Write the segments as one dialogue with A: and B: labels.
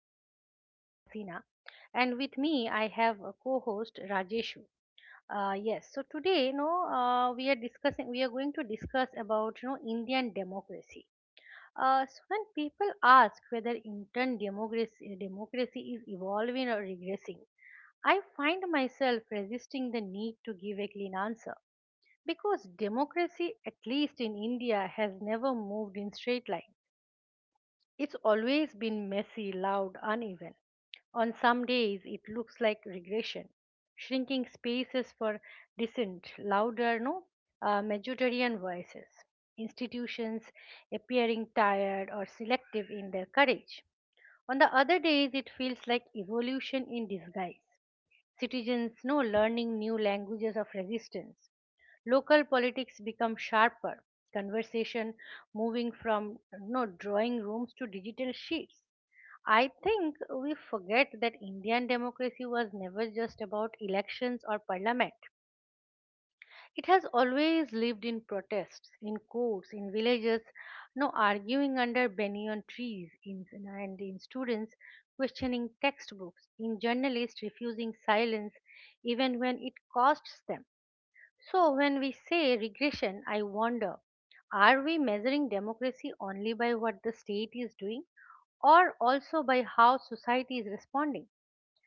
A: This is your host, Hasina, and with me, I have a co host, Rajeshu. Yes, so today, we are going to discuss about, Indian democracy. So when people ask whether democracy is evolving or regressing, I find myself resisting the need to give a clean answer because democracy, at least in India, has never moved in straight lines. It's always been messy, loud, uneven. On some days, it looks like regression, shrinking spaces for dissent, louder, no, majoritarian voices, institutions appearing tired or selective in their courage. On the other days, it feels like evolution in disguise, citizens no learning new languages of resistance, local politics become sharper, conversation moving from no drawing rooms to digital sheets. I think we forget that Indian democracy was never just about elections or parliament. It has always lived in protests, in courts, in villages, no arguing under banyan trees, and in students questioning textbooks, in journalists refusing silence even when it costs them. So, when we say regression, I wonder, are we measuring democracy only by what the state is doing or also by how society is responding?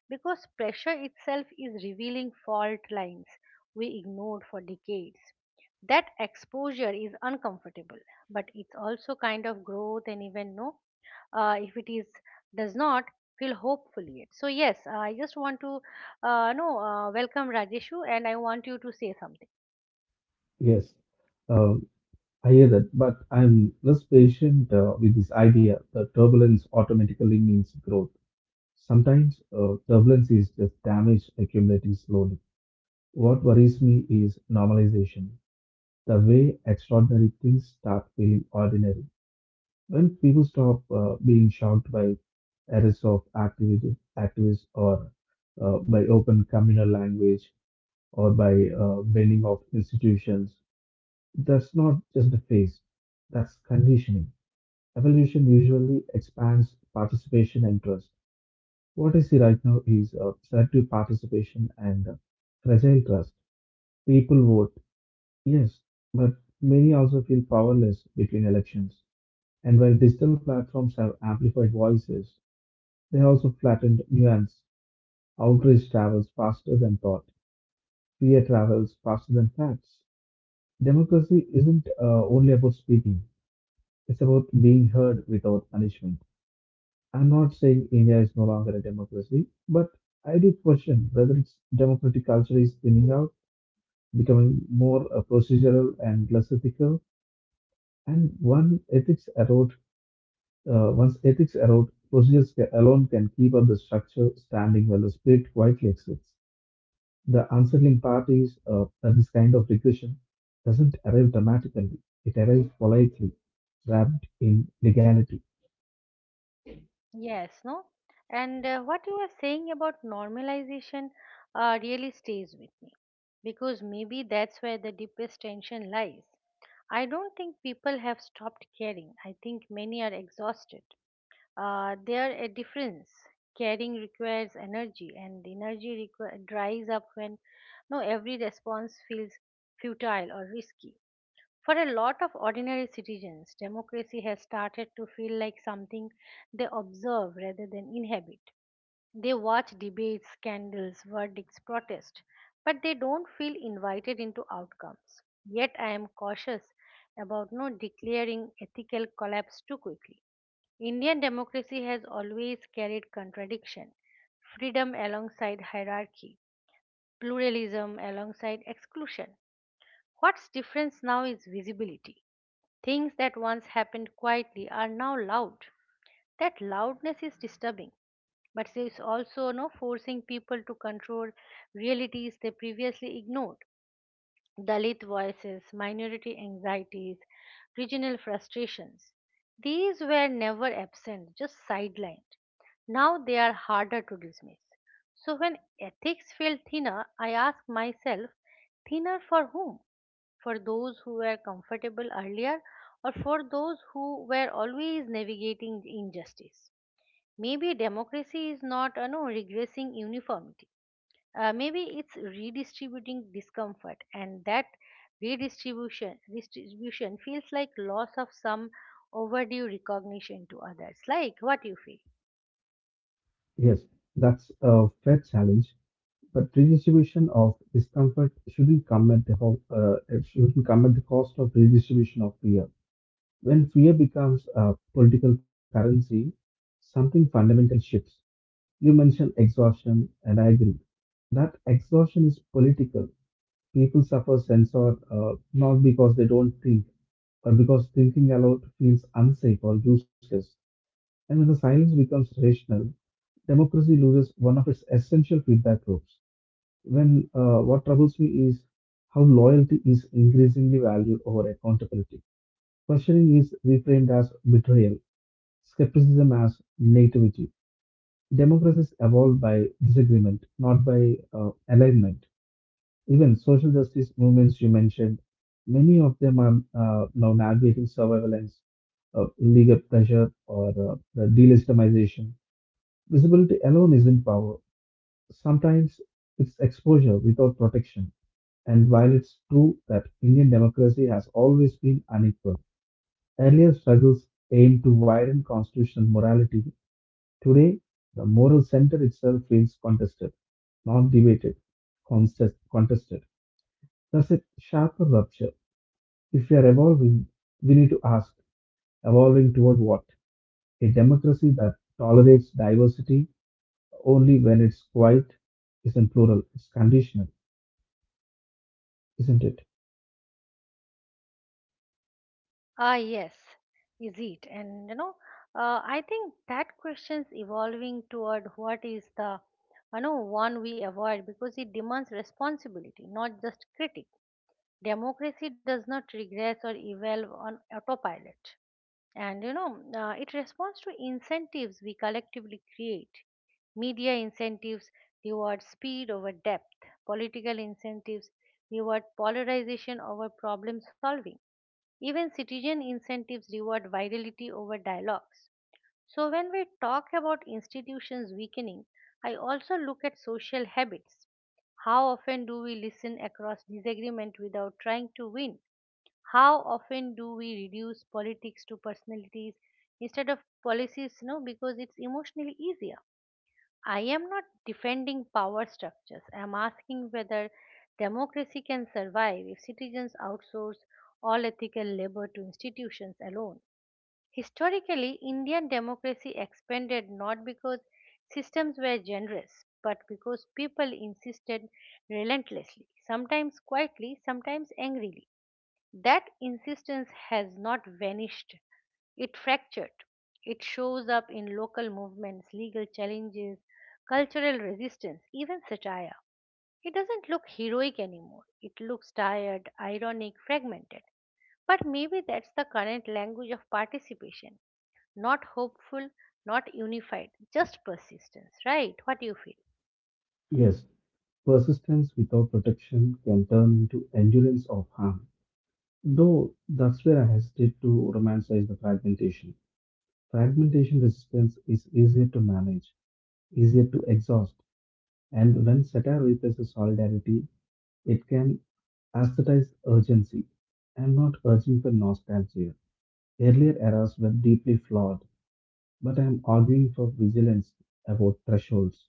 A: Because pressure itself is revealing fault lines we ignored for decades. That exposure is uncomfortable, but it's also kind of growth, and even if it is does not feel hopeful yet. So yes, I just want to no welcome Rajeshu, and I want you to say something.
B: Yes, uh, I hear that, but I'm less patient with this idea that turbulence automatically means growth. Sometimes turbulence is just damage accumulating slowly. What worries me is normalization, the way extraordinary things start feeling ordinary. When people stop being shocked by activists or by open communal language or by bending of institutions, that's not just a phase, that's conditioning. Evolution usually expands participation and trust. What I see right now is selective participation and fragile trust. People vote, yes, but many also feel powerless between elections. And while digital platforms have amplified voices, they also flattened nuance. Outrage travels faster than thought, fear travels faster than facts. Democracy isn't only about speaking, it's about being heard without punishment. I'm not saying India is no longer a democracy, but I do question whether its democratic culture is thinning out, becoming more procedural and less ethical. And one ethics erode, Once ethics erode, procedures alone can keep up the structure standing while the spirit quietly exits. The unsettling part is that this kind of regression doesn't arrive dramatically; it arrives politely, wrapped in legality.
A: Yes, no? And what you are saying about normalization really stays with me because maybe that's where the deepest tension lies. I don't think people have stopped caring. I think many are exhausted. There are a difference. Caring requires energy, and dries up when no every response feels futile or risky. For a lot of ordinary citizens, democracy has started to feel like something they observe rather than inhabit. They watch debates, scandals, verdicts, protests, but they don't feel invited into outcomes. Yet I am cautious about not declaring ethical collapse too quickly. Indian democracy has always carried contradiction, freedom alongside hierarchy, pluralism alongside exclusion. What's different now is visibility. Things that once happened quietly are now loud. That loudness is disturbing, but it's also no forcing people to control realities they previously ignored. Dalit voices, minority anxieties, regional frustrations. These were never absent, just sidelined. Now they are harder to dismiss. So when ethics feel thinner, I ask myself, thinner for whom? For those who were comfortable earlier or for those who were always navigating injustice. Maybe democracy is not no, regressing uniformity. Maybe it's redistributing discomfort, and that redistribution distribution feels like loss of some overdue recognition to others. Like what you feel.
B: Yes, that's a fair challenge, but redistribution of discomfort shouldn't come at the ho- it shouldn't come at the cost of redistribution of fear. When fear becomes a political currency, something fundamental shifts. You mentioned exhaustion, and I agree. That exhaustion is political. People suffer censor, not because they don't think, but because thinking aloud feels unsafe or useless. And when the silence becomes rational, democracy loses one of its essential feedback loops. When What troubles me is how loyalty is increasingly valued over accountability. Questioning is reframed as betrayal, skepticism as nativity. Democracies evolve by disagreement, not by alignment. Even social justice movements you mentioned, many of them are now navigating surveillance, legal pressure, or the delegitimization. Visibility alone isn't power. Sometimes it's exposure without protection. And while it's true that Indian democracy has always been unequal, earlier struggles aimed to widen constitutional morality. Today, the moral center itself feels contested, not debated, contested. Thus, a sharper rupture. If we are evolving, we need to ask, evolving toward what? A democracy that tolerates diversity only when it's quiet isn't plural, it's conditional, isn't it?
A: Ah, yes, is it? And I think that question's evolving toward what is the, one we avoid because it demands responsibility, not just critique. Democracy does not regress or evolve on autopilot, and it responds to incentives we collectively create. Media incentives reward speed over depth. Political incentives reward polarization over problem solving, even citizen incentives reward virality over dialogues. So, when we talk about institutions weakening, I also look at social habits. How often do we listen across disagreement without trying to win? How often do we reduce politics to personalities instead of policies? No, because it's emotionally easier. I am not defending power structures. I am asking whether democracy can survive if citizens outsource all ethical labor to institutions alone. Historically, Indian democracy expanded not because systems were generous, but because people insisted relentlessly, sometimes quietly, sometimes angrily. That insistence has not vanished, it fractured. It shows up in local movements, legal challenges, cultural resistance, even satire. It doesn't look heroic anymore. It looks tired, ironic, fragmented. But maybe that's the current language of participation. Not hopeful, not unified, just persistence, right? What do you feel?
B: Yes, persistence without protection can turn into endurance of harm. Though that's where I hesitate to romanticize the fragmentation. Fragmentation resistance is easier to manage, easier to exhaust, and when satire replaces solidarity, it can aesthetize urgency. I'm not urging for nostalgia. Earlier eras were deeply flawed, but I'm arguing for vigilance about thresholds.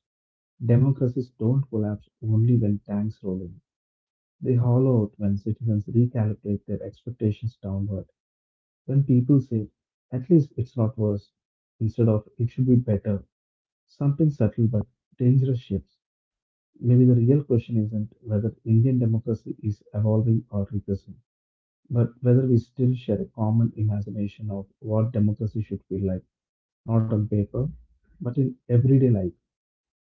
B: Democracies don't collapse only when tanks roll in. They hollow out when citizens recalibrate their expectations downward. When people say, at least it's not worse, instead of it should be better, something subtle but dangerous shifts. Maybe the real question isn't whether Indian democracy is evolving or regressing, but whether we still share a common imagination of what democracy should feel like, not on paper, but in everyday life.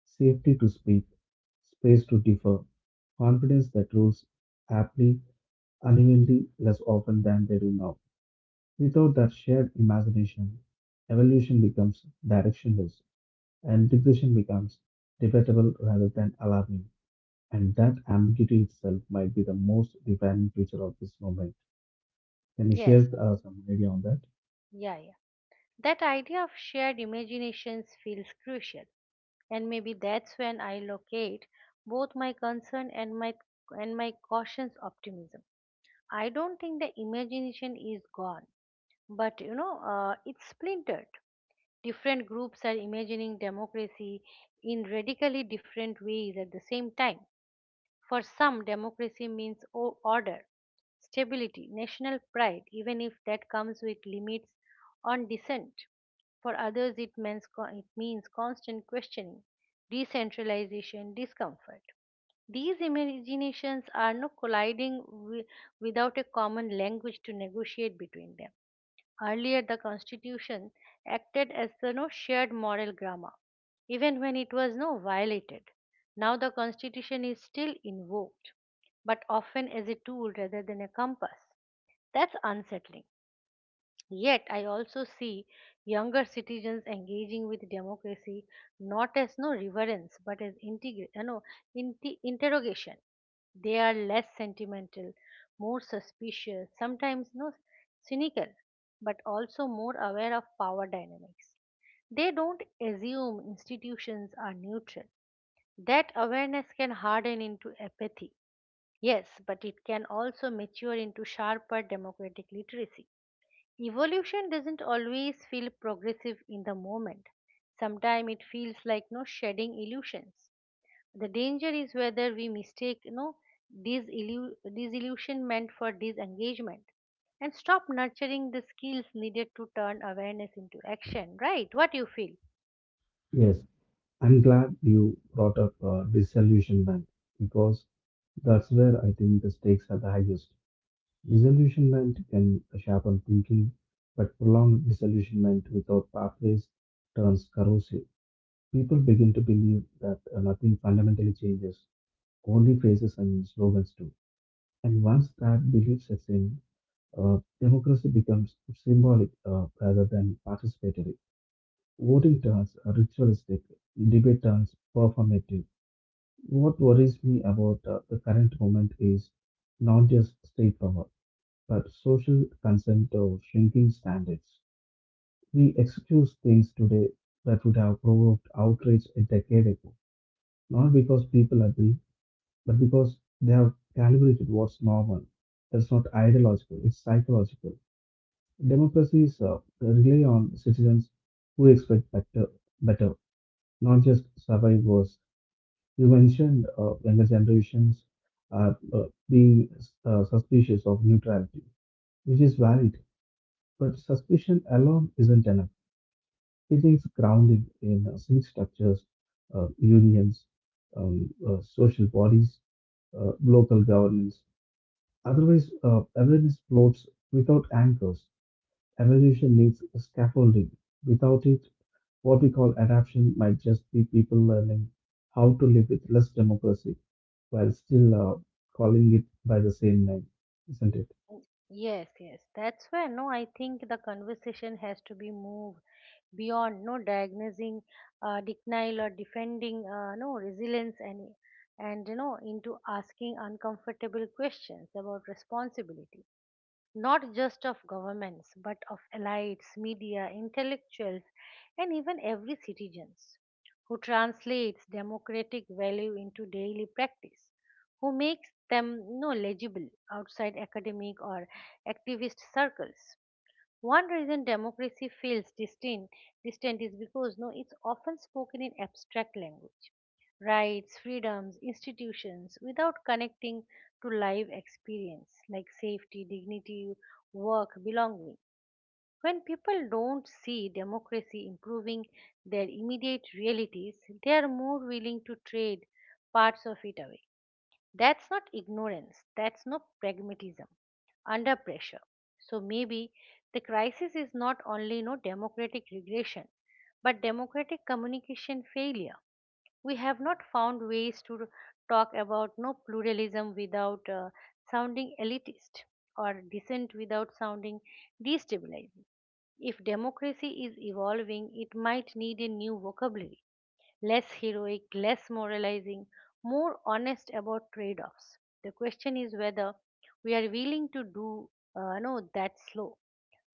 B: Safety to speak, space to differ, confidence that rules aptly unevenly less often than they do now. Without that shared imagination, evolution becomes directionless and regression becomes debatable rather than alarming. And that ambiguity itself might be the most defining feature of this moment. Can you
A: Yes,
B: share some idea on that?
A: yeah, yeah. That idea of shared imaginations feels crucial. And maybe that's when I locate both my concern and my cautious optimism. I don't think the imagination is gone, but it's splintered. Different groups are imagining democracy in radically different ways at the same time. For some, democracy means order, stability, national pride, even if that comes with limits on dissent. For others, it means constant questioning, decentralization, discomfort. These imaginations are not without a common language to negotiate between them. Earlier, the Constitution acted as the no shared moral grammar, even when it was no violated. Now, the Constitution is still invoked, but often as a tool rather than a compass. That's unsettling. Yet, I also see younger citizens engaging with democracy not as no reverence but as integra- no, inti interrogation. They are less sentimental, more suspicious, sometimes no cynical, but also more aware of power dynamics. They don't assume institutions are neutral. That awareness can harden into apathy. Yes, but it can also mature into sharper democratic literacy. Evolution doesn't always feel progressive in the moment. Sometimes it feels like no shedding illusions. The danger is whether we mistake no disillu- disillusionment for disengagement and stop nurturing the skills needed to turn awareness into action. Right? What you feel?
B: Yes, I'm glad you brought up disillusionment because that's where I think the stakes are the highest. Disillusionment can sharpen thinking, but prolonged disillusionment without pathways turns corrosive. People begin to believe that nothing fundamentally changes, only phrases and slogans do. And once that belief sets in, democracy becomes symbolic rather than participatory. Voting turns ritualistic, debate turns performative. What worries me about the current moment is not just state power but social consent or shrinking standards. We excuse things today that would have provoked outrage a decade ago, not because people agree, but because they have calibrated what's normal. That's not ideological, it's psychological. Democracies rely on citizens who expect better, better, not just survive worse. You mentioned younger generations are uh, being suspicious of neutrality, which is valid. But suspicion alone isn't enough. It is grounded in civic structures, unions, social bodies, local governance. Otherwise, awareness floats without anchors. Evolution needs a scaffolding. Without it, what we call adaptation might just be people learning how to live with less democracy while still calling it by the same name, isn't it?
A: Yes, yes. That's where no, I think the conversation has to be moved beyond no diagnosing denial or defending no resilience and and into asking uncomfortable questions about responsibility, not just of governments but of elites, media, intellectuals, and even every citizens who translates democratic value into daily practice, who makes them, legible outside academic or activist circles. One reason democracy feels distant is because no, it's often spoken in abstract language, rights, freedoms, institutions, without connecting to live experience like safety, dignity, work, belonging. When people don't see democracy improving their immediate realities, they are more willing to trade parts of it away. That's not ignorance, that's no pragmatism under pressure. So maybe the crisis is not only no democratic regression, but democratic communication failure. We have not found ways to talk about pluralism without sounding elitist or dissent without sounding destabilizing. If democracy is evolving, it might need a new vocabulary, less heroic, less moralizing, more honest about trade offs. The question is whether we are willing to do no, that slow,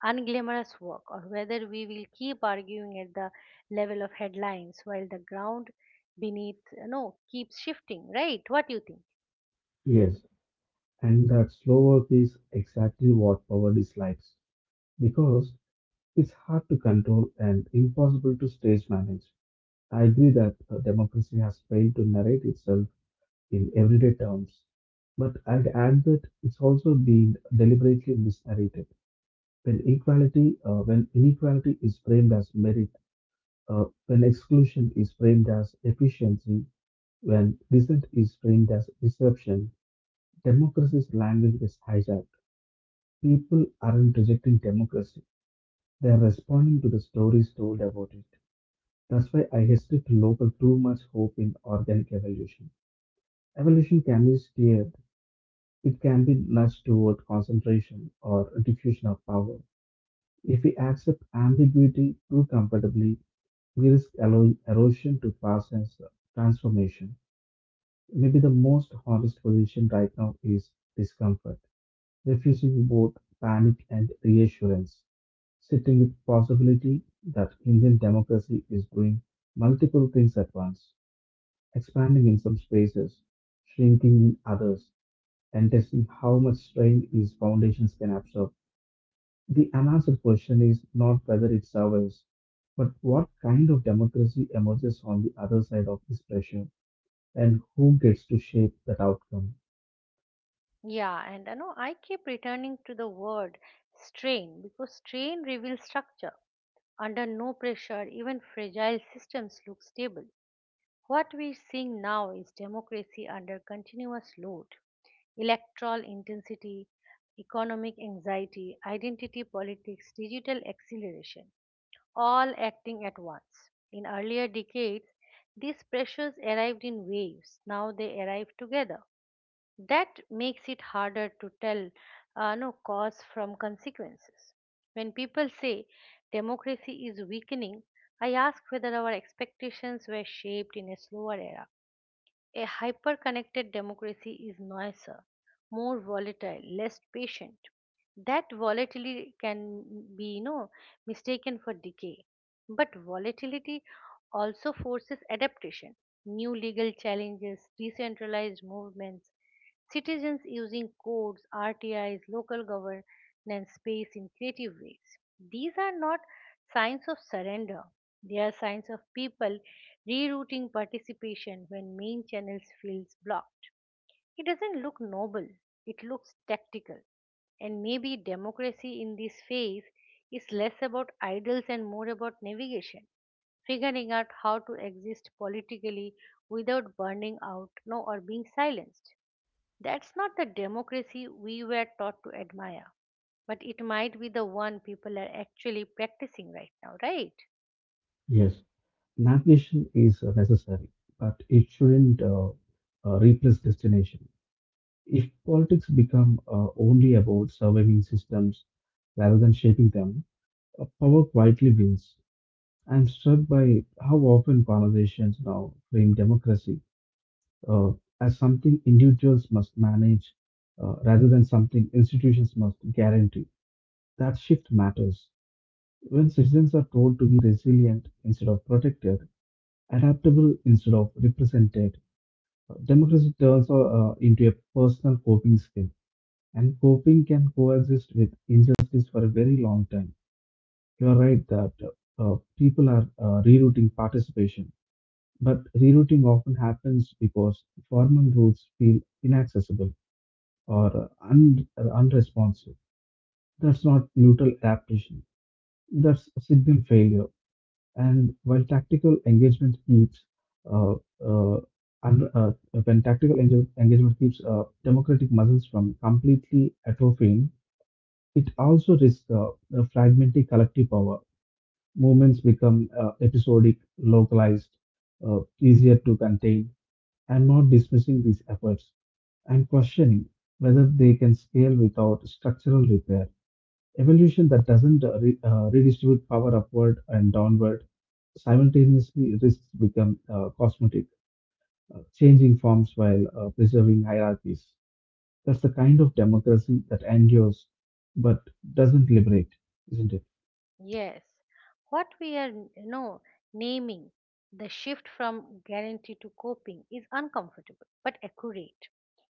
A: unglamorous work, or whether we will keep arguing at the level of headlines while the ground beneath, keeps shifting, right? What do you think?
B: Yes, and that slower work is exactly what power dislikes, because it's hard to control and impossible to stage manage. I agree that democracy has failed to narrate itself in everyday terms, but I'd add that it's also been deliberately misnarrated. When inequality is framed as merit, when exclusion is framed as efficiency, when dissent is framed as disruption, democracy's language is hijacked. People aren't rejecting democracy; they are responding to the stories told about it. That's why I hesitate to local too much hope in organic evolution. Evolution can be steered. It can be nudged toward concentration or diffusion of power. If we accept ambiguity too comfortably, we risk erosion to past as transformation. Maybe the most honest position right now is discomfort, refusing both panic and reassurance, sitting with possibility that Indian democracy is doing multiple things at once: expanding in some spaces, shrinking in others, and testing how much strain these foundations can absorb. The unanswered question is not whether it survives, but what kind of democracy emerges on the other side of this pressure, and who gets to shape that outcome.
A: Yeah, and I keep returning to the word strain because strain reveals structure. Under no pressure, even fragile systems look stable. What we are seeing now is democracy under continuous load, electoral intensity, economic anxiety, identity politics, digital acceleration, all acting at once. In earlier decades, these pressures arrived in waves, now they arrive together. That makes it harder to tell no cause from consequences. When people say democracy is weakening, I ask whether our expectations were shaped in a slower era. A hyper connected democracy is noisier, more volatile, less patient. That volatility can be, mistaken for decay. But volatility also forces adaptation. New legal challenges, decentralized movements, citizens using codes, RTIs, local governance space in creative ways. These are not signs of surrender, they are signs of people rerouting participation when main channels feels blocked. It doesn't look noble, it looks tactical. And maybe democracy in this phase is less about idols and more about navigation, figuring out how to exist politically without burning out no, or being silenced. That's not the democracy we were taught to admire, but it might be the one people are actually practicing right now, right?
B: Yes, navigation is necessary, but it shouldn't replace destination. If politics become only about surviving systems rather than shaping them, power quietly wins. I'm struck by how often conversations now frame democracy uh, as something individuals must manage rather than something institutions must guarantee. That shift matters. When citizens are told to be resilient instead of protective, adaptable instead of represented, democracy turns into a personal coping skill. And coping can coexist with injustice for a very long time. You are right that people are rerouting participation. But rerouting often happens because formal routes feel inaccessible or unresponsive. That's not neutral adaptation, that's a signal failure. And while tactical engagement keeps uh, uh, un- when tactical engage- engagement keeps democratic muscles from completely atrophying, it also risks fragmenting collective power. Movements become episodic, localized, easier to contain. I'm not dismissing these efforts. I'm questioning whether they can scale without structural repair. Evolution that doesn't redistribute power upward and downward simultaneously risks become cosmetic, changing forms while preserving hierarchies. That's the kind of democracy that endures but doesn't liberate, isn't it?
A: Yes, what we are naming, the shift from guarantee to coping, is uncomfortable but accurate.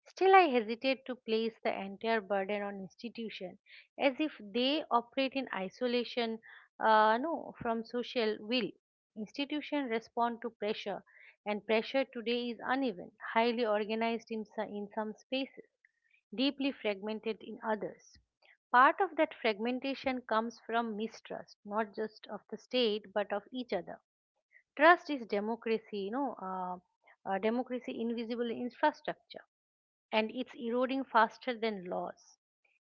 A: Still, I hesitate to place the entire burden on institution as if they operate in isolation, no, from social will. Institution respond to pressure, and pressure today is uneven, highly organized in some spaces, deeply fragmented in others. Part of that fragmentation comes from mistrust, not just of the state, but of each other. Trust is democracy, democracy invisible infrastructure, and it's eroding faster than laws.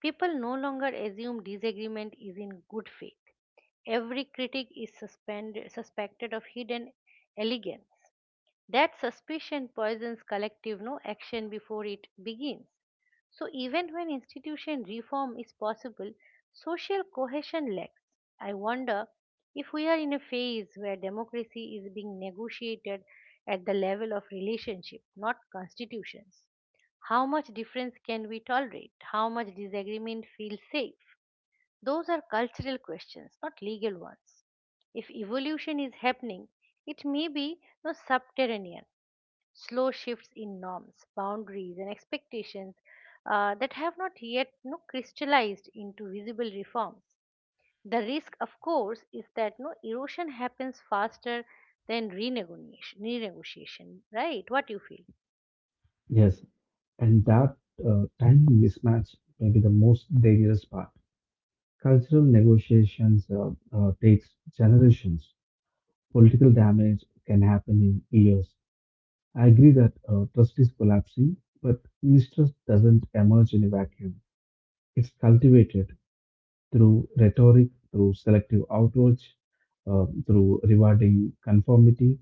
A: People no longer assume disagreement is in good faith. Every critic is suspected of hidden elegance. That suspicion poisons collective no action before it begins. So even when institution reform is possible, social cohesion lacks. I wonder if we are in a phase where democracy is being negotiated at the level of relationship, not constitutions. How much difference can we tolerate? How much disagreement feels safe? Those are cultural questions, not legal ones. If evolution is happening, it may be no subterranean, slow shifts in norms, boundaries, and expectations that have not yet no, crystallized into visible reforms. The risk, of course, is that no erosion happens faster than renegotiation. Renegotiation, right? What you feel?
B: Yes, and that timing mismatch may be the most dangerous part. Cultural negotiations takes generations. Political damage can happen in years. I agree that trust is collapsing, but mistrust doesn't emerge in a vacuum. It's cultivated through rhetoric, through selective outrage, through rewarding conformity.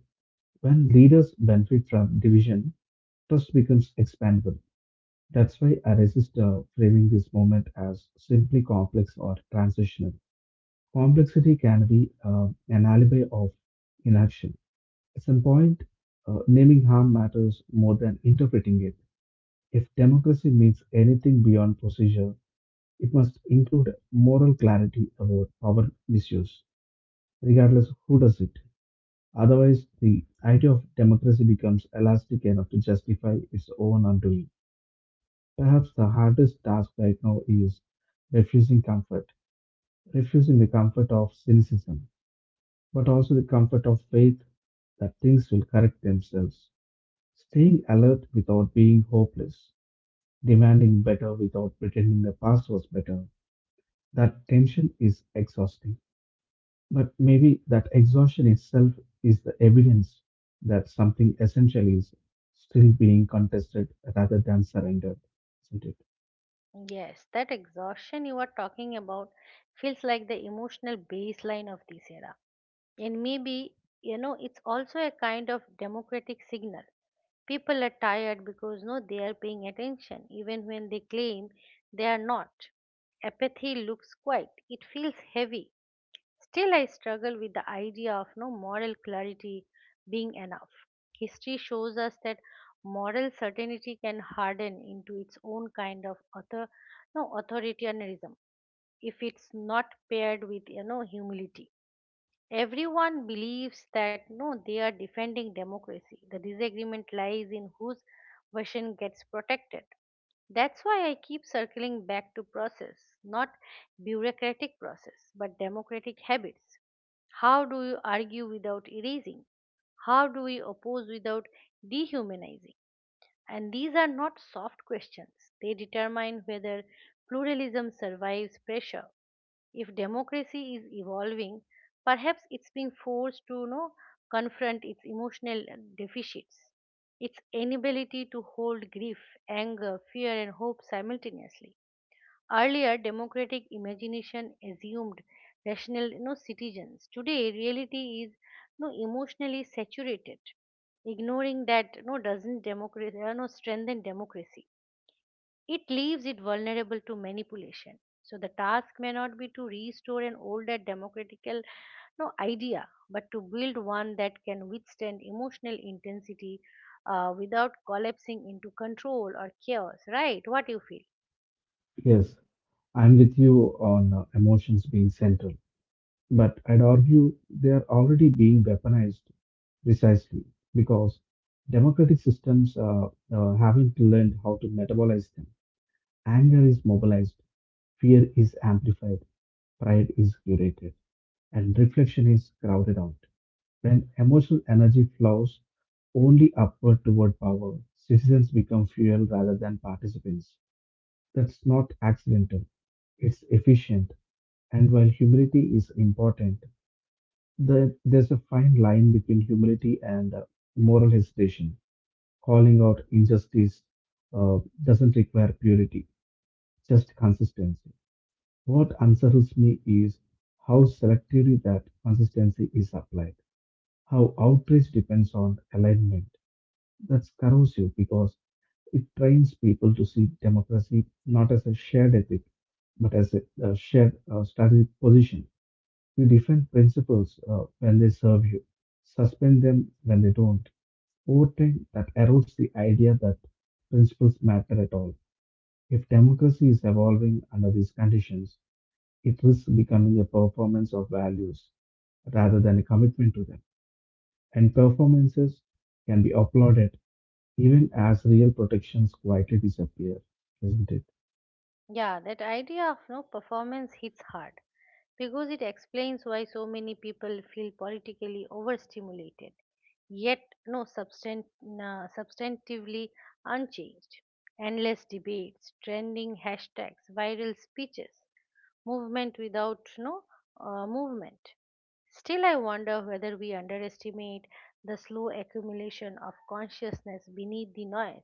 B: When leaders benefit from division, trust becomes expandable. That's why I resist framing this moment as simply complex or transitional. Complexity can be an alibi of inaction. At some point, naming harm matters more than interpreting it. If democracy means anything beyond procedure, it must include moral clarity about power misuse, regardless of who does it. Otherwise, the idea of democracy becomes elastic enough to justify its own undoing. Perhaps the hardest task right now is refusing comfort, refusing the comfort of cynicism, but also the comfort of faith that things will correct themselves, staying alert without being hopeless, demanding better without pretending the past was better. That tension is exhausting, but maybe that exhaustion itself is the evidence that something essential is still being contested rather than surrendered, isn't it?
A: Yes, that exhaustion you are talking about feels like the emotional baseline of this era, and maybe it's also a kind of democratic signal. People are tired because no, they are paying attention, even when they claim they are not. Apathy looks quiet, it feels heavy. Still, I struggle with the idea of no moral clarity being enough. History shows us that moral certainty can harden into its own kind of author, no, authoritarianism if it's not paired with humility. Everyone believes that no, they are defending democracy. The disagreement lies in whose version gets protected. That's why I keep circling back to process, not bureaucratic process, but democratic habits. How do you argue without erasing? How do we oppose without dehumanizing? And these are not soft questions. They determine whether pluralism survives pressure if democracy is evolving, perhaps it's being forced to confront its emotional deficits, its inability to hold grief, anger, fear, and hope simultaneously. Earlier, democratic imagination assumed rational citizens. Today, reality is emotionally saturated. Ignoring that doesn't democracy, strengthen democracy. It leaves it vulnerable to manipulation. So the task may not be to restore an older democratical no idea, but to build one that can withstand emotional intensity without collapsing into control or chaos. Right? What do you feel?
B: Yes, I'm with you on emotions being central. But I'd argue they are already being weaponized precisely because democratic systems haven't learned how to metabolize them. Anger is mobilized, fear is amplified, pride is curated, and reflection is crowded out. When emotional energy flows only upward toward power, citizens become fuel rather than participants. That's not accidental, it's efficient. And while humility is important, the, there's a fine line between humility and moral hesitation. Calling out injustice uh, doesn't require purity, just consistency. What unsettles me is how selectively that consistency is applied, how outrage depends on alignment. That's corrosive because it trains people to see democracy not as a shared ethic, but as a shared strategic position. You defend principles when they serve you, suspend them when they don't. Over time, that erodes the idea that principles matter at all. If democracy is evolving under these conditions, it risks becoming a performance of values rather than a commitment to them. And performances can be applauded even as real protections quietly disappear, isn't it?
A: Yeah, that idea of no performance hits hard because it explains why so many people feel politically overstimulated, yet no substantively unchanged. Endless debates, trending hashtags, viral speeches, movement without no movement. Still, I wonder whether we underestimate the slow accumulation of consciousness beneath the noise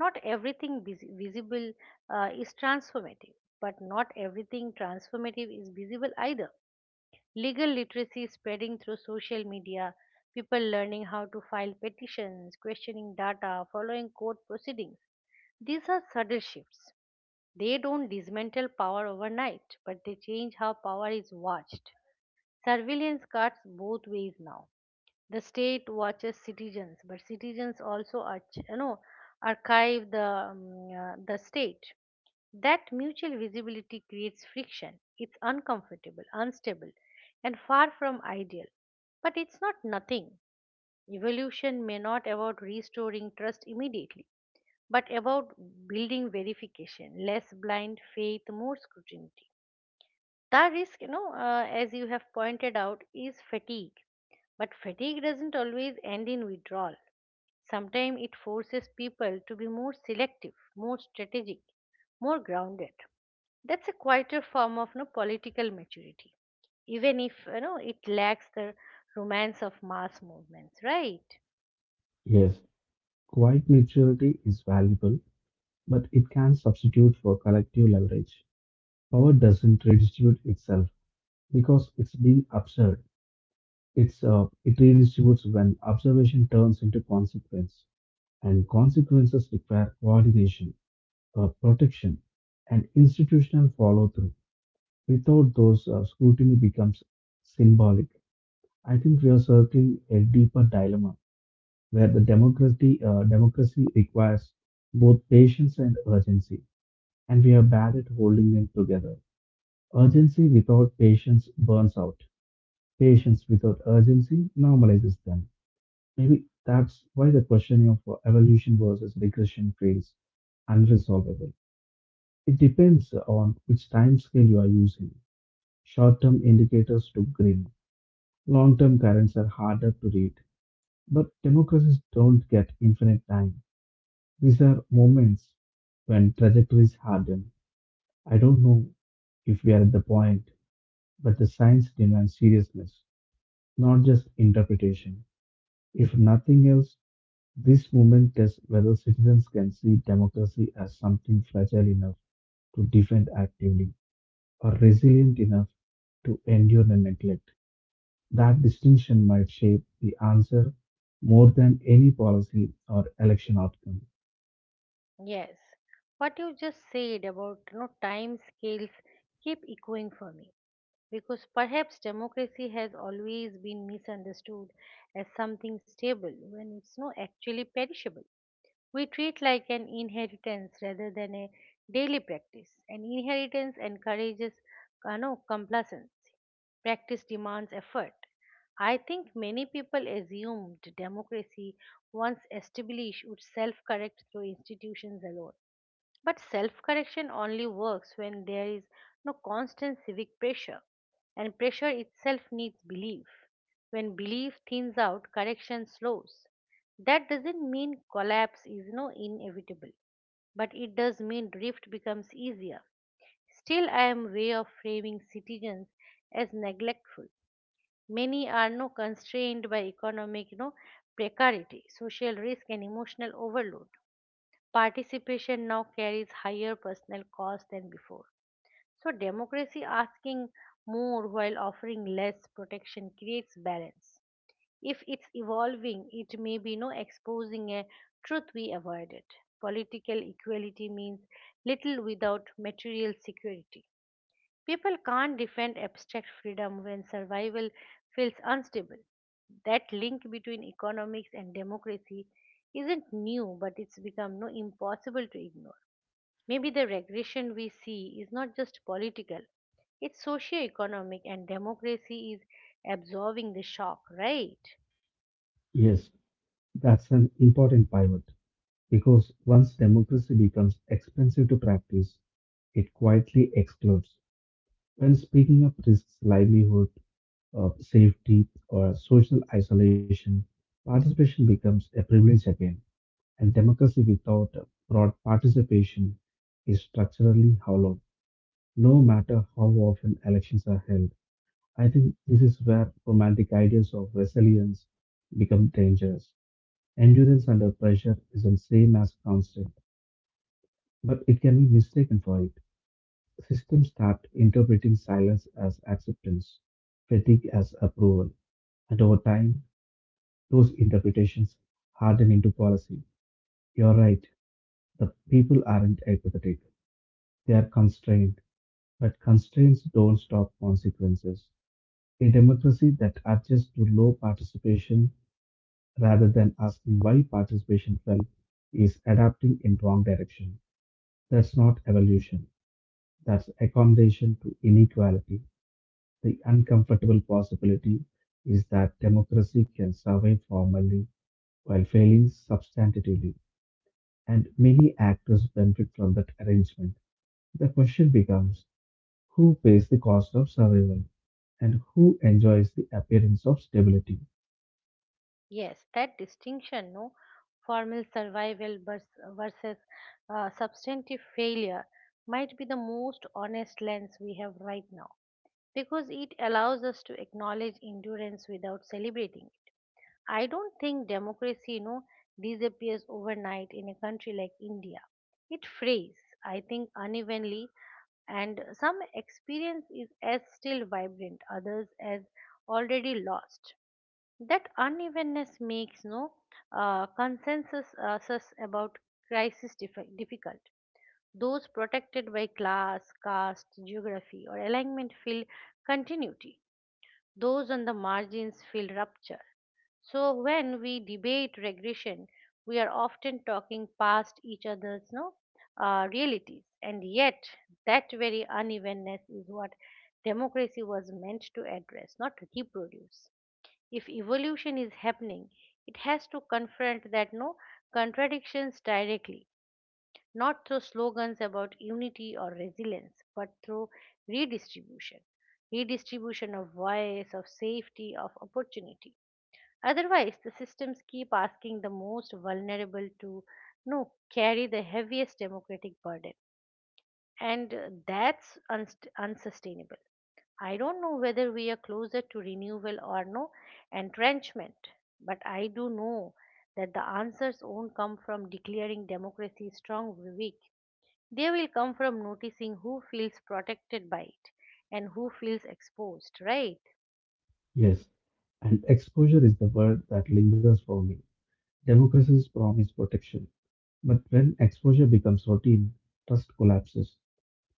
A: not everything visible is transformative, but not everything transformative is visible either. Legal literacy spreading through social media, people learning how to file petitions, questioning data, following court proceedings. These are subtle shifts. They don't dismantle power overnight, but they change how power is watched. Surveillance cuts both ways now the state watches citizens but citizens also arch, you know archive the state. That mutual visibility creates friction, it's uncomfortable, unstable and far from ideal but it's not nothing. Evolution may not about restoring trust immediately but about building verification, less blind faith, more scrutiny. The risk as you have pointed out is fatigue, but fatigue doesn't always end in withdrawal. Sometimes it forces people to be more selective, more strategic, more grounded. That's a quieter form of no political maturity, even if it lacks the romance of mass movements, right?
B: Yes, quiet maturity is valuable, but it can substitute for collective leverage. Power doesn't redistribute itself because it's being absurd. It redistributes when observation turns into consequence, and consequences require coordination, protection, and institutional follow through. Without those, scrutiny becomes symbolic. I think we are circling a deeper dilemma where the democracy democracy requires both patience and urgency, and we are bad at holding them together. Urgency without patience burns out. Patience without urgency normalizes them. Maybe that's why the question of evolution versus regression feels unresolvable. It depends on which time scale you are using. Short term indicators do grin, long term currents are harder to read. But democracies don't get infinite time. These are moments when trajectories harden. I don't know if we are at the point, but the science demands seriousness, not just interpretation. If nothing else, this movement tests whether citizens can see democracy as something fragile enough to defend actively or resilient enough to endure the neglect. That distinction might shape the answer more than any policy or election outcome.
A: Yes. What you just said about time scales keep echoing for me because perhaps democracy has always been misunderstood as something stable when it's not actually perishable. We treat like an inheritance rather than a daily practice. An inheritance encourages no, complacency. Practice demands effort. I think many people assumed democracy, once established, would self correct through institutions alone. But self correction only works when there is no constant civic pressure, and pressure itself needs belief. When belief thins out, correction slows. That doesn't mean collapse is no inevitable, but it does mean drift becomes easier. Still, I am way of framing citizens as neglectful. Many are no constrained by economic no precarity, social risk, and emotional overload. Participation now carries higher personal cost than before. So, democracy asking more while offering less protection creates balance. If it's evolving, it may be no exposing a truth we avoided. Political equality means little without material security. People can't defend abstract freedom when survival feels unstable. That link between economics and democracy isn't new, but it's become no impossible to ignore. Maybe the regression we see is not just political, it's socio-economic and democracy is absorbing the shock, right?
B: Yes, that's an important pivot because once democracy becomes expensive to practice, it quietly explodes. When speaking of risks, livelihood, of safety or social isolation, participation becomes a privilege again, and democracy without broad participation is structurally hollow, no matter how often elections are held. I think this is where romantic ideas of resilience become dangerous. Endurance under pressure isn't same as constant, but it can be mistaken for it. Systems start interpreting silence as acceptance, fatigue as approval, and over time those interpretations harden into policy. You're right. The people aren't apathetic. They are constrained. But constraints don't stop consequences. A democracy that adjusts to low participation rather than asking why participation fell is adapting in wrong direction. That's not evolution. That's accommodation to inequality. The uncomfortable possibility is that democracy can survive formally while failing substantively, and many actors benefit from that arrangement. The question becomes who pays the cost of survival and who enjoys the appearance of stability?
A: Yes, that distinction, no formal survival versus substantive failure might be the most honest lens we have right now because it allows us to acknowledge endurance without celebrating it. I don't think democracy, disappears overnight in a country like India. It frays, I think, unevenly, and some experience is as still vibrant, others as already lost. That unevenness makes no consensus about crisis difficult. Those protected by class, caste, geography, or alignment feel continuity. Those on the margins feel rupture. So when we debate regression, we are often talking past each other's no realities, and yet that very unevenness is what democracy was meant to address, not to reproduce. If evolution is happening, it has to confront that no contradictions directly, not through slogans about unity or resilience, but through redistribution, redistribution of voice, of safety, of opportunity. Otherwise, the systems keep asking the most vulnerable to no, carry the heaviest democratic burden. And that's unsustainable. I don't know whether we are closer to renewal or no entrenchment, but I do know that the answers won't come from declaring democracy strong or weak. They will come from noticing who feels protected by it and who feels exposed, right?
B: Yes, and exposure is the word that lingers for me. Democracies promise protection, but when exposure becomes routine, trust collapses.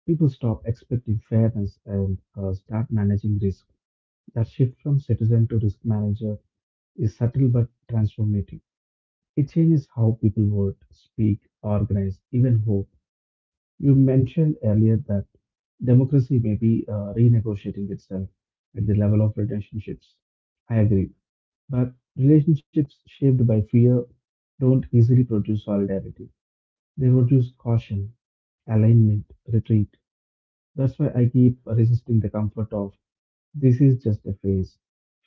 B: People stop expecting fairness and start managing risk. That shift from citizen to risk manager is subtle but transformative. It changes how people vote, speak, organize, even hope. You mentioned earlier that democracy may be renegotiating itself at the level of relationships. I agree. But relationships shaped by fear don't easily produce solidarity, they produce caution, alignment, retreat. That's why I keep resisting the comfort of this is just a phase.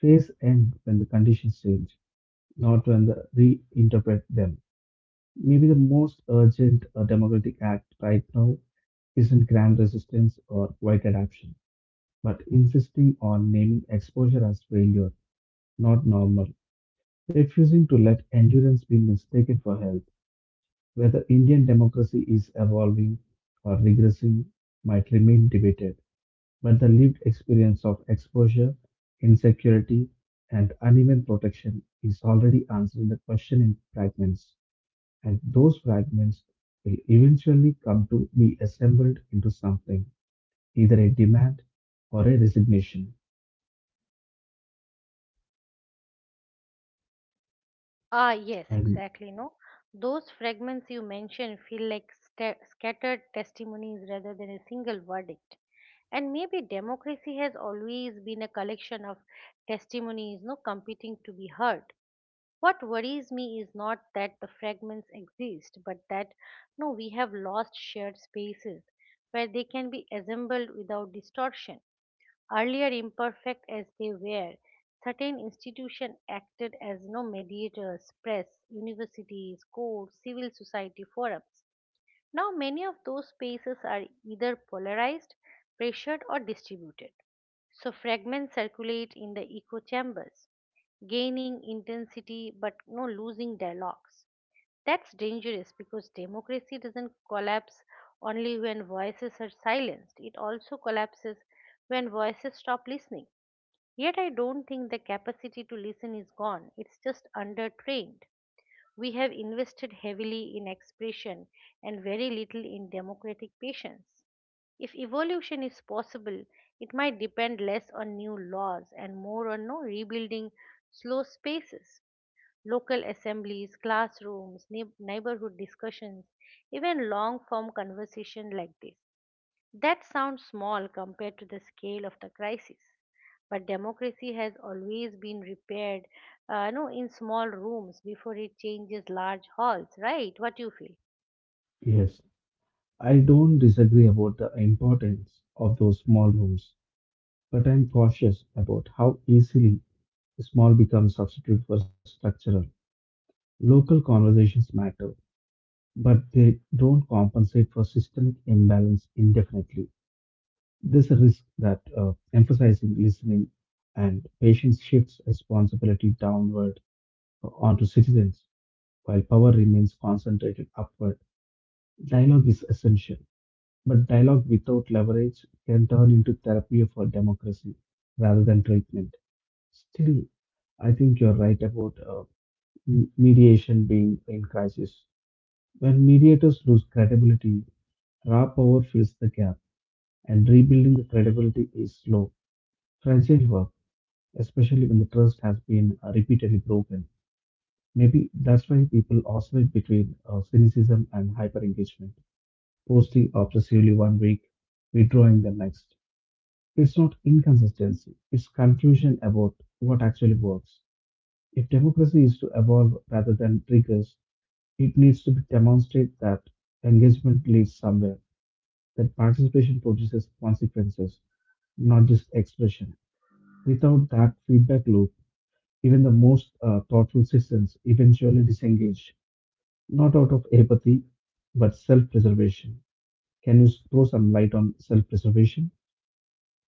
B: Phase end when the conditions change, not when the reinterpret them. Maybe the most urgent democratic act right now isn't grand resistance or white adoption, but insisting on naming exposure as failure, not normal, refusing to let endurance be mistaken for health. Whether Indian democracy is evolving or regressing might remain debated, but the lived experience of exposure, insecurity, and uneven protection is already answering the question in fragments, and those fragments will eventually come to be assembled into something, either a demand or a resignation.
A: Ah, yes,
B: And
A: exactly. No, those fragments you mentioned feel like sta scattered testimonies rather than a single verdict. And maybe democracy has always been a collection of testimonies, no competing to be heard. What worries me is not that the fragments exist, but that no, we have lost shared spaces where they can be assembled without distortion. Earlier imperfect as they were, certain institutions acted as no mediators, press, universities, courts, civil society forums. Now many of those spaces are either polarized, pressured or distributed. So fragments circulate in the echo chambers, gaining intensity but no losing dialogues. That's dangerous because democracy doesn't collapse only when voices are silenced. It also collapses when voices stop listening. Yet I don't think the capacity to listen is gone, it's just undertrained. We have invested heavily in expression and very little in democratic patience. If evolution is possible, it might depend less on new laws and more on no rebuilding slow spaces. Local assemblies, classrooms, neighborhood discussions, even long form conversation like this. That sounds small compared to the scale of the crisis, but democracy has always been repaired, no, in small rooms before it changes large halls, right? What do you feel?
B: yes, I don't disagree about the importance of those small rooms, but I'm cautious about how easily small becomes substitute for structural. Local conversations matter, but they don't compensate for systemic imbalance indefinitely. There's a risk that emphasizing listening and patience shifts responsibility downward onto citizens, while power remains concentrated upward. Dialogue is essential, but dialogue without leverage can turn into therapy for democracy rather than treatment. Still, I think you're right about mediation being in crisis. When mediators lose credibility, raw power fills the gap, and rebuilding the credibility is slow. Franchise work, especially when the trust has been repeatedly broken. Maybe that's why people oscillate between cynicism and hyper engagement, posting obsessively one week, withdrawing the next. It's not inconsistency, it's confusion about what actually works. If democracy is to evolve rather than triggers, it needs to be demonstrate that engagement leads somewhere, that participation produces consequences, not just expression. Without that feedback loop, even the most thoughtful systems eventually disengage, not out of apathy, but self preservation. Can you throw some light on self preservation?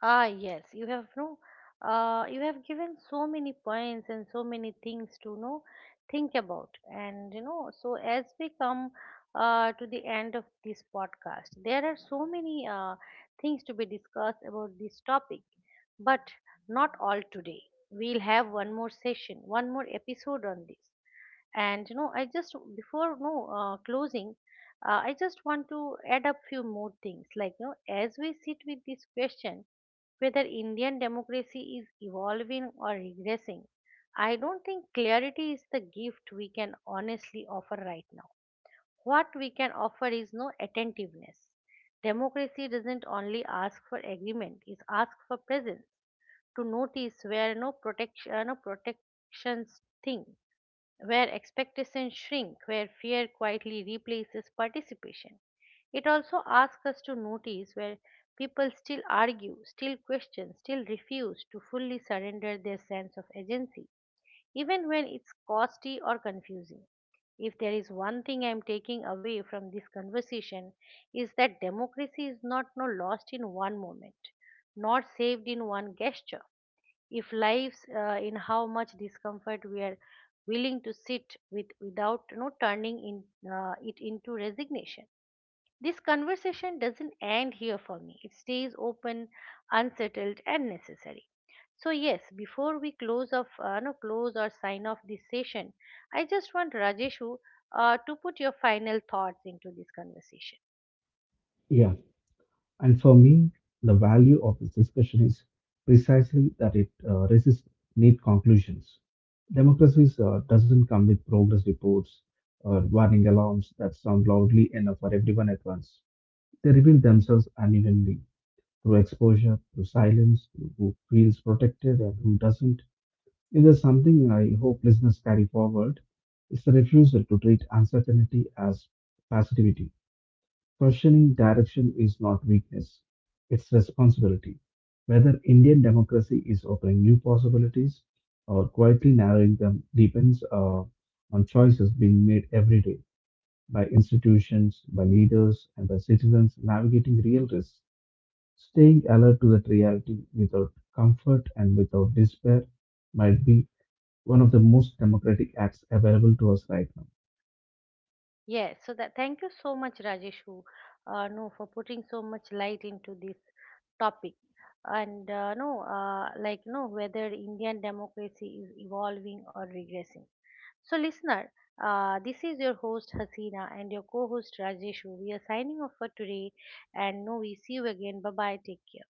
A: Ah, yes, you have no, you have given so many points and so many things to know, think about, and you know. So as we come to the end of this podcast, there are so many things to be discussed about this topic. But not all today. We'll have one more session, one more episode on this. And you know, I just before no closing, I just want to add up few more things. Like you know, as we sit with this question, whether Indian democracy is evolving or regressing, I don't think clarity is the gift we can honestly offer right now. What we can offer is no attentiveness. Democracy doesn't only ask for agreement; it asks for presence to notice where no protection no protections thing, where expectations shrink, where fear quietly replaces participation. It also asks us to notice where people still argue, still question, still refuse to fully surrender their sense of agency even when it's costly or confusing. If there is one thing I'm taking away from this conversation is that democracy is not no lost in one moment, not saved in one gesture. If lives in how much discomfort we are willing to sit with without turning in, it into resignation. This conversation doesn't end here for me. It stays open, unsettled, and necessary. So yes, before we close off, no, close or sign off this session, I just want Rajeshu to put your final thoughts into this conversation.
B: Yeah. And for me, the value of this discussion is precisely that it resists neat conclusions. Democracies doesn't come with progress reports or warning alarms that sound loudly enough for everyone at once. They reveal themselves unevenly through exposure, through silence, through who feels protected and who doesn't. If there's something I hope listeners carry forward, it's the refusal to treat uncertainty as passivity. Questioning direction is not weakness, it's responsibility. Whether Indian democracy is opening new possibilities or quietly narrowing them depends on choices being made every day by institutions, by leaders, and by citizens navigating real risks. Staying alert to that reality without comfort and without despair might be one of the most democratic acts available to us right now.
A: Yes, so that thank you so much, Rajeshu, no, for putting so much light into this topic. And no, like no, whether Indian democracy is evolving or regressing. So, listener, this is your host Hasina and your co-host Rajeshu. We are signing off for today, and no, we see you again. Bye bye. Take care.